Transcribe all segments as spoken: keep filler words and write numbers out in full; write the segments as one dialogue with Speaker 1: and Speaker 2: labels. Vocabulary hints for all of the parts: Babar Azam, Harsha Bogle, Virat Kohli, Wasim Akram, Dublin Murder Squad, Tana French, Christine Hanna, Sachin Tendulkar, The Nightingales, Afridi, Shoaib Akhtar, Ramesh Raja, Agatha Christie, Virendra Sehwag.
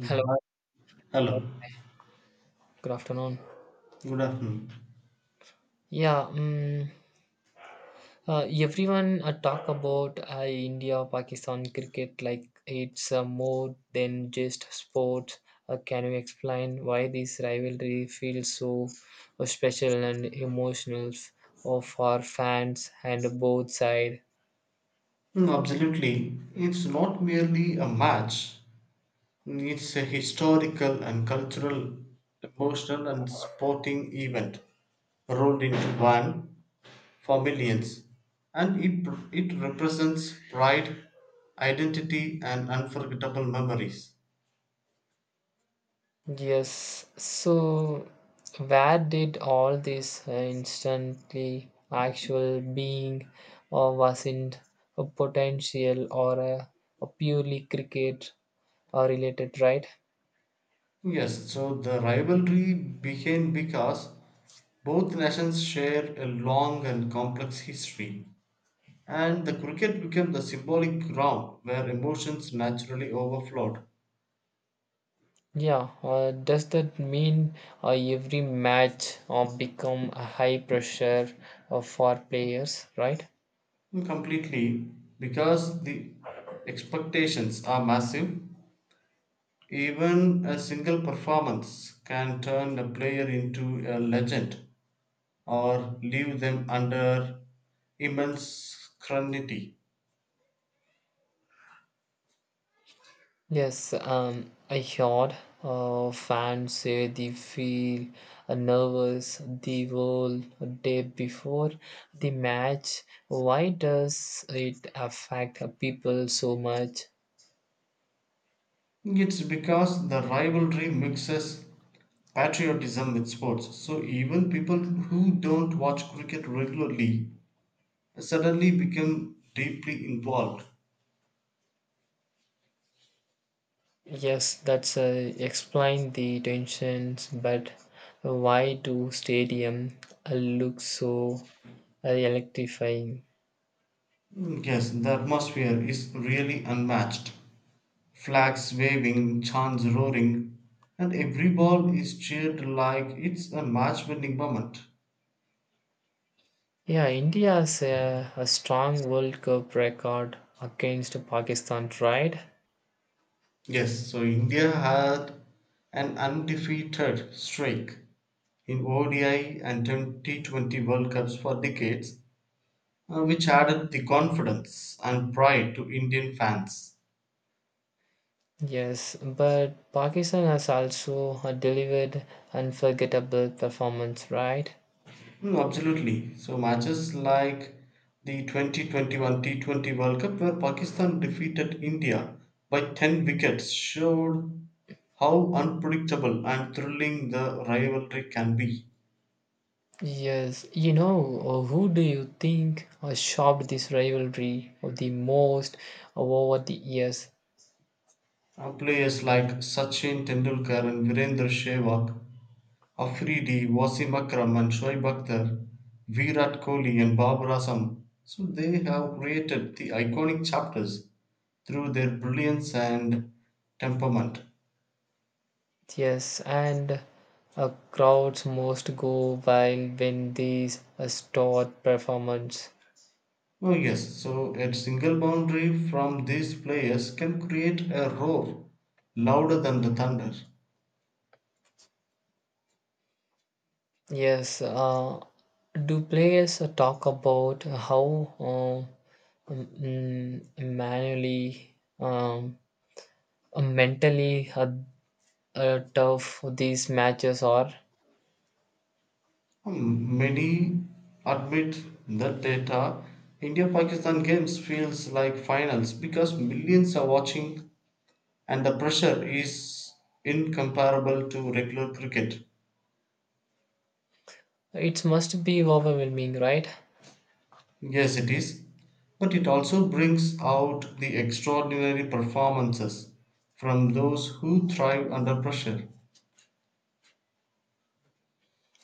Speaker 1: Hello,
Speaker 2: hi. Hello,
Speaker 1: good afternoon.
Speaker 2: good afternoon.
Speaker 1: Yeah, um, uh, everyone uh, talk about uh, India Pakistan cricket like it's uh, more than just sports. Uh, can you explain why this rivalry feels so uh, special and emotional f- uh, for fans and both sides?
Speaker 2: Mm, absolutely. It's not merely a match, it's a historical and cultural, emotional, and sporting event rolled into one for millions. And it, it represents pride, identity, and unforgettable memories.
Speaker 1: Yes. So, where did all this uh, instantly actual being, or was it a potential or a, a purely cricket uh, related, right?
Speaker 2: Yes, so the rivalry became because both nations share a long and complex history. And the cricket became the symbolic ground where emotions naturally overflowed
Speaker 1: Yeah. Uh, does that mean uh, every match uh, become a high pressure uh, for players, right?
Speaker 2: completely because the expectations are massive. Even a single performance can turn a player into a legend or leave them under immense scrutiny.
Speaker 1: Yes, um, I heard uh, fans say they feel uh, nervous the whole day before the match. Why does it affect uh, people so much?
Speaker 2: It's because the rivalry mixes patriotism with sports. So even people who don't watch cricket regularly suddenly become deeply involved.
Speaker 1: Yes, that's uh, explain the tensions, but why do stadium uh, look so uh, electrifying?
Speaker 2: Mm, yes, the atmosphere is really unmatched. Flags waving, chants roaring, and every ball is cheered like it's a match winning moment.
Speaker 1: Yeah, India's uh, a a strong World Cup record against Pakistan, right?
Speaker 2: Yes, so India had an undefeated streak in O D I and T twenty World Cups for decades, uh, which added the confidence and pride to Indian fans.
Speaker 1: Yes, but Pakistan has also uh, delivered unforgettable performance, right?
Speaker 2: No, absolutely. So matches like the twenty twenty-one T twenty World Cup where Pakistan defeated India by ten wickets showed how unpredictable and thrilling the rivalry can be.
Speaker 1: Yes, you know, uh, who do you think uh, shocked this rivalry of the most over the years?
Speaker 2: Uh, Players like Sachin Tendulkar and Virendra Sehwag, Afridi, Wasim Akram and Shoaib Akhtar, Virat Kohli and Babar Azam. So they have created the iconic chapters through their brilliance and temperament.
Speaker 1: Yes, and uh, crowds most go wild when these uh, stored performance.
Speaker 2: Oh, yes, so a single boundary from these players can create a roar louder than the thunder.
Speaker 1: Yes, uh, do players uh, talk about how uh, um, mm, manually um, uh, mentally how uh, tough these matches are.
Speaker 2: Hmm, many admit that data. India Pakistan games feels like finals because millions are watching and the pressure is incomparable to regular cricket.
Speaker 1: It must be overwhelming, right?
Speaker 2: Yes, it is. But it also brings out the extraordinary performances from those who thrive under pressure.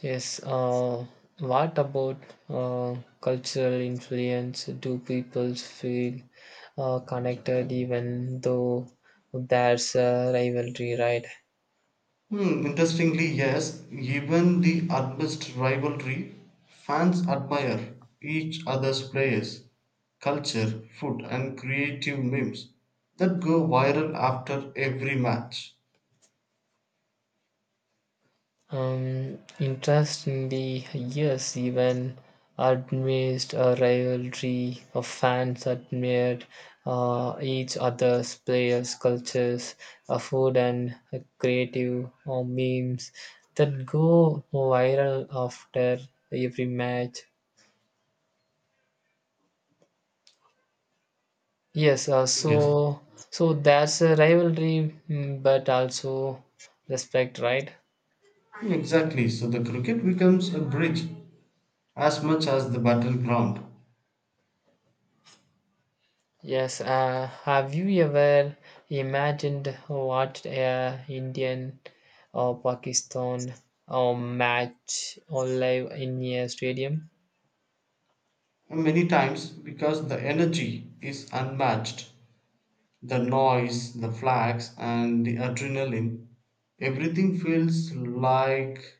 Speaker 1: Yes. Uh, what about uh, cultural influence? Do people feel uh, connected even though there's a rivalry, right?
Speaker 2: Hmm, interestingly, yes, even the utmost rivalry, fans admire each other's players, culture, food, and creative memes that go viral after every match.
Speaker 1: Um, interest in the years even amazed a rivalry of fans admired uh, each other's players, cultures, uh, food, and uh, creative uh, memes that go viral after every match. Yes, uh,
Speaker 2: Yes,
Speaker 1: so so that's a rivalry, mm, but also respect, right?
Speaker 2: exactly. So the cricket becomes a bridge as much as the battleground.
Speaker 1: Yes, uh, have you ever imagined what a Indian or Pakistan or match or live in a stadium?
Speaker 2: And many times, because the energy is unmatched, the noise, the flags, and the adrenaline, everything feels like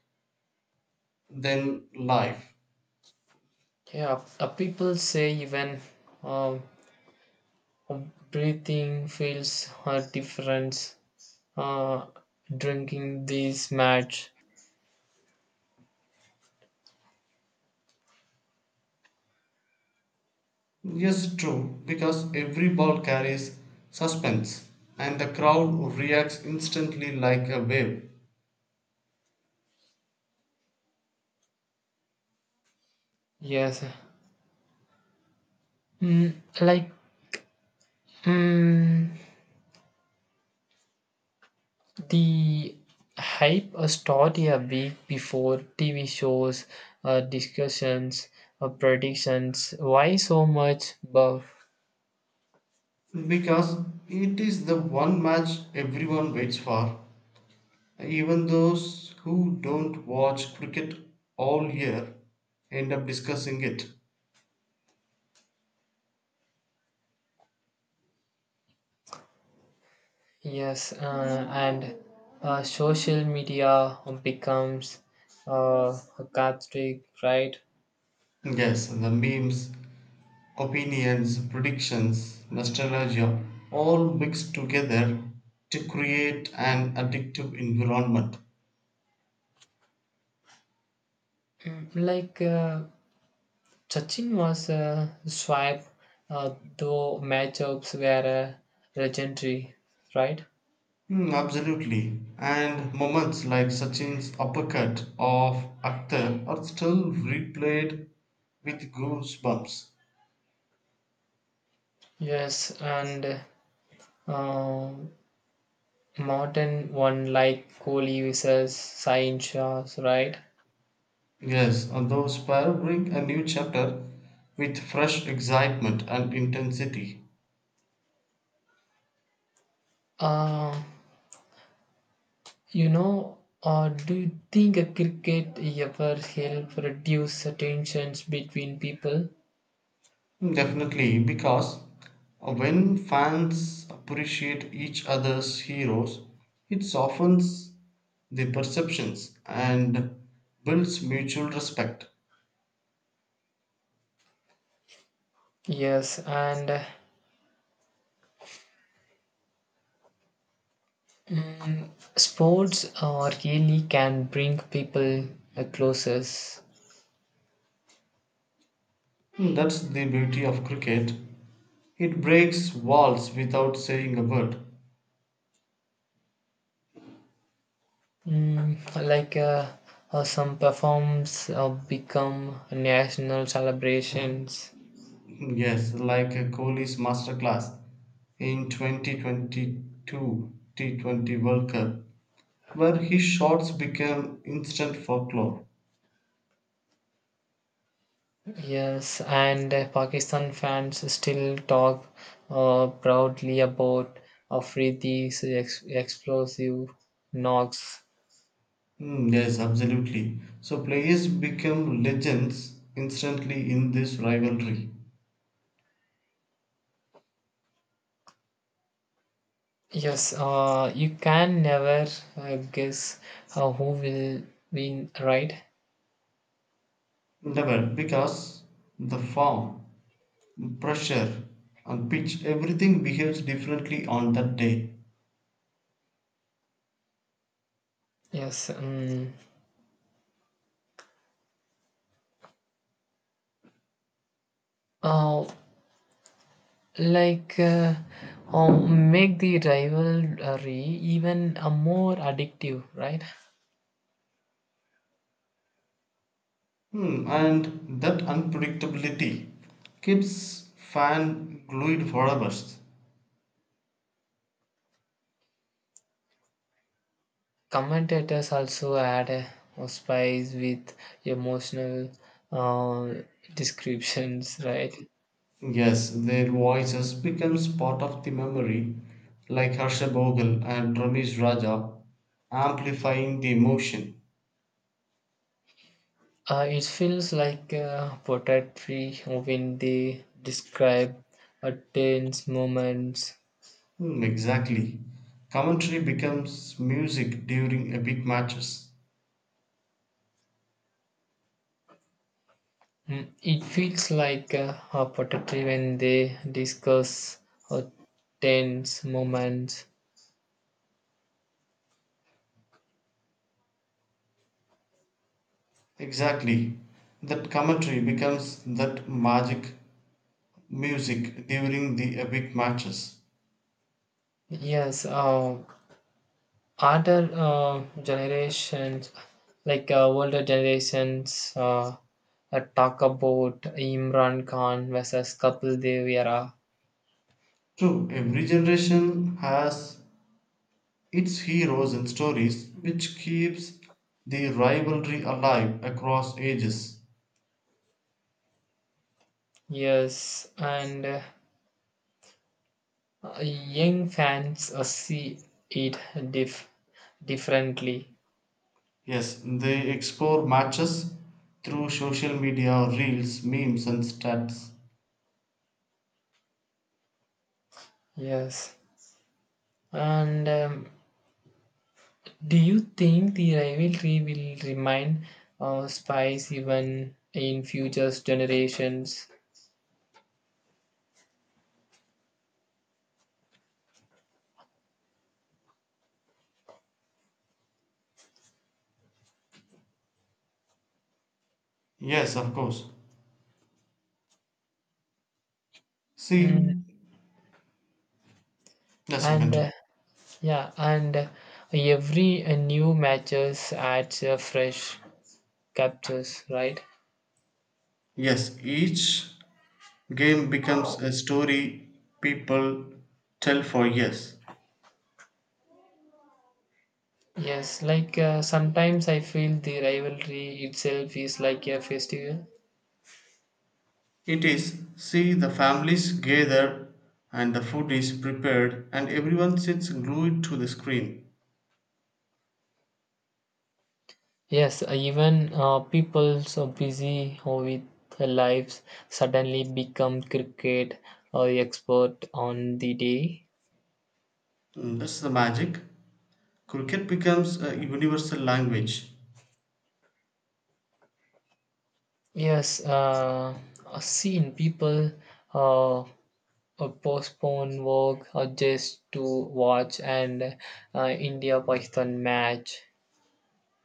Speaker 2: than life.
Speaker 1: Yeah, uh, people say even um, breathing feels a difference uh, drinking this match.
Speaker 2: Yes, true, because every ball carries suspense and the crowd reacts instantly like a wave.
Speaker 1: Yes, mm, like mm, the hype uh, started a week before T V shows, uh, discussions, uh, predictions. Why so much buff?
Speaker 2: Because it is the one match everyone waits for. Even those who don't watch cricket all year end up discussing it.
Speaker 1: Yes, uh, and uh, social media becomes uh, a cathartic, right?
Speaker 2: Yes, the memes, opinions, predictions, nostalgia all mixed together to create an addictive environment.
Speaker 1: Mm, Like uh, Sachin was a swipe, uh, though matchups were uh, legendary, right?
Speaker 2: Hmm, absolutely. And moments like Sachin's uppercut of Akhtar are still replayed with goosebumps.
Speaker 1: Yes, and uh, Modern one like Kohli versus Sain Shah, right?
Speaker 2: Yes, and those pair bring a new chapter with fresh excitement and intensity.
Speaker 1: Uh, you know, uh, do you think a cricket ever help reduce the tensions between people?
Speaker 2: Mm, definitely, because when fans appreciate each other's heroes, it softens the perceptions and builds mutual respect.
Speaker 1: Yes, and uh, mm, sports uh, really can bring people uh, closest.
Speaker 2: Mm, that's the beauty of cricket. It breaks walls without saying a word.
Speaker 1: Mm, like uh, uh, some performs uh, become national celebrations.
Speaker 2: Yes, like a Kohli's masterclass in two thousand twenty-two T twenty World Cup, where his shots became instant folklore.
Speaker 1: Yes, and uh, Pakistan fans still talk uh, proudly about Afridi's ex- explosive knocks.
Speaker 2: Mm, yes, absolutely. So players become legends instantly in this rivalry
Speaker 1: Yes, uh, you can never uh, guess uh, who will win, right?
Speaker 2: level because the form, pressure, and pitch, everything behaves differently on that day.
Speaker 1: Yes, um, uh, like uh, uh, make the rivalry even uh, more addictive, right?
Speaker 2: Hmm, and that unpredictability keeps fan glued forever.
Speaker 1: Commentators also add a a spice with emotional uh, descriptions, right?
Speaker 2: Yes, their voices becomes part of the memory, like Harsha Bogle and Ramesh Raja, amplifying the emotion.
Speaker 1: Uh, it feels like uh, poetry when they describe a tense moments.
Speaker 2: Hmm, exactly. Commentary becomes music during epic matches.
Speaker 1: Mm, It feels like uh, a poetry when they discuss a tense moments.
Speaker 2: Exactly. That commentary becomes that magic music during the epic matches.
Speaker 1: Yes, uh, Other uh, generations, like uh, older generations, uh, uh, talk about Imran Khan versus Kapil Dev era.
Speaker 2: True, every generation has its heroes and stories which keeps the rivalry alive across ages.
Speaker 1: Yes, and uh, young fans uh, see it dif- differently.
Speaker 2: Yes, they explore matches through social media, reels, memes, and stats.
Speaker 1: Yes, and um, do you think the rivalry will remain uh, spice even in future generations?
Speaker 2: Yes, of course.
Speaker 1: Mm,
Speaker 2: See, yes, you
Speaker 1: And uh,
Speaker 2: continue.
Speaker 1: Yeah, and every uh, new matches adds uh, fresh captures, right?
Speaker 2: Yes, each game becomes a story people tell for years.
Speaker 1: Yes, like uh, sometimes I feel the rivalry itself is like a festival.
Speaker 2: It is, see, the families gather and the food is prepared and everyone sits glued to the screen.
Speaker 1: Yes, uh, even uh, people so busy or with their lives suddenly become cricket or expert on the day.
Speaker 2: Mm, that's the magic. Cricket becomes a universal language.
Speaker 1: Yes, uh, I've seen people uh, A postpone work or just to watch an uh, India Pakistan match.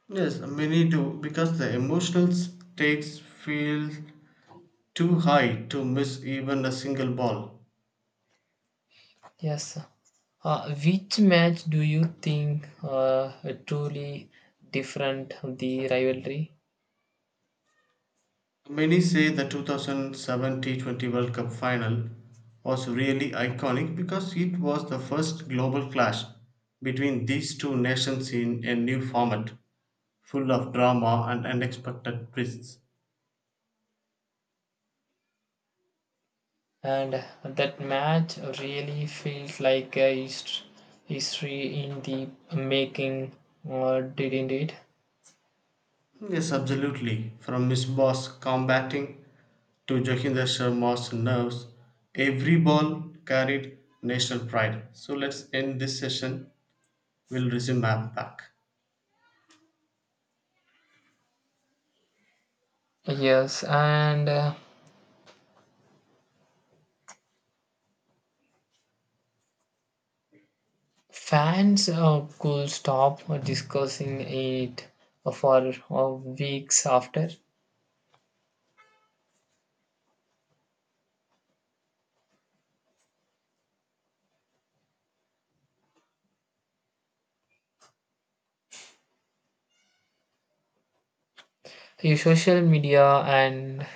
Speaker 2: Yes, many do because the emotional stakes feel too high to miss even a single ball.
Speaker 1: Yes. Uh, which match do you think uh, truly different the rivalry?
Speaker 2: Many say the two thousand seven T twenty World Cup final was really iconic because it was the first global clash between these two nations in a new format, full of drama and unexpected twists.
Speaker 1: And that match really feels like a hist- history in the making, uh, didn't it?
Speaker 2: Yes, absolutely. From Miss Boss combating to Johinder Sharma's nerves, every ball carried national pride. So let's end this session. We'll resume map back.
Speaker 1: Yes, and uh, Fans uh, could stop discussing it for uh, weeks after. Uh, Social media and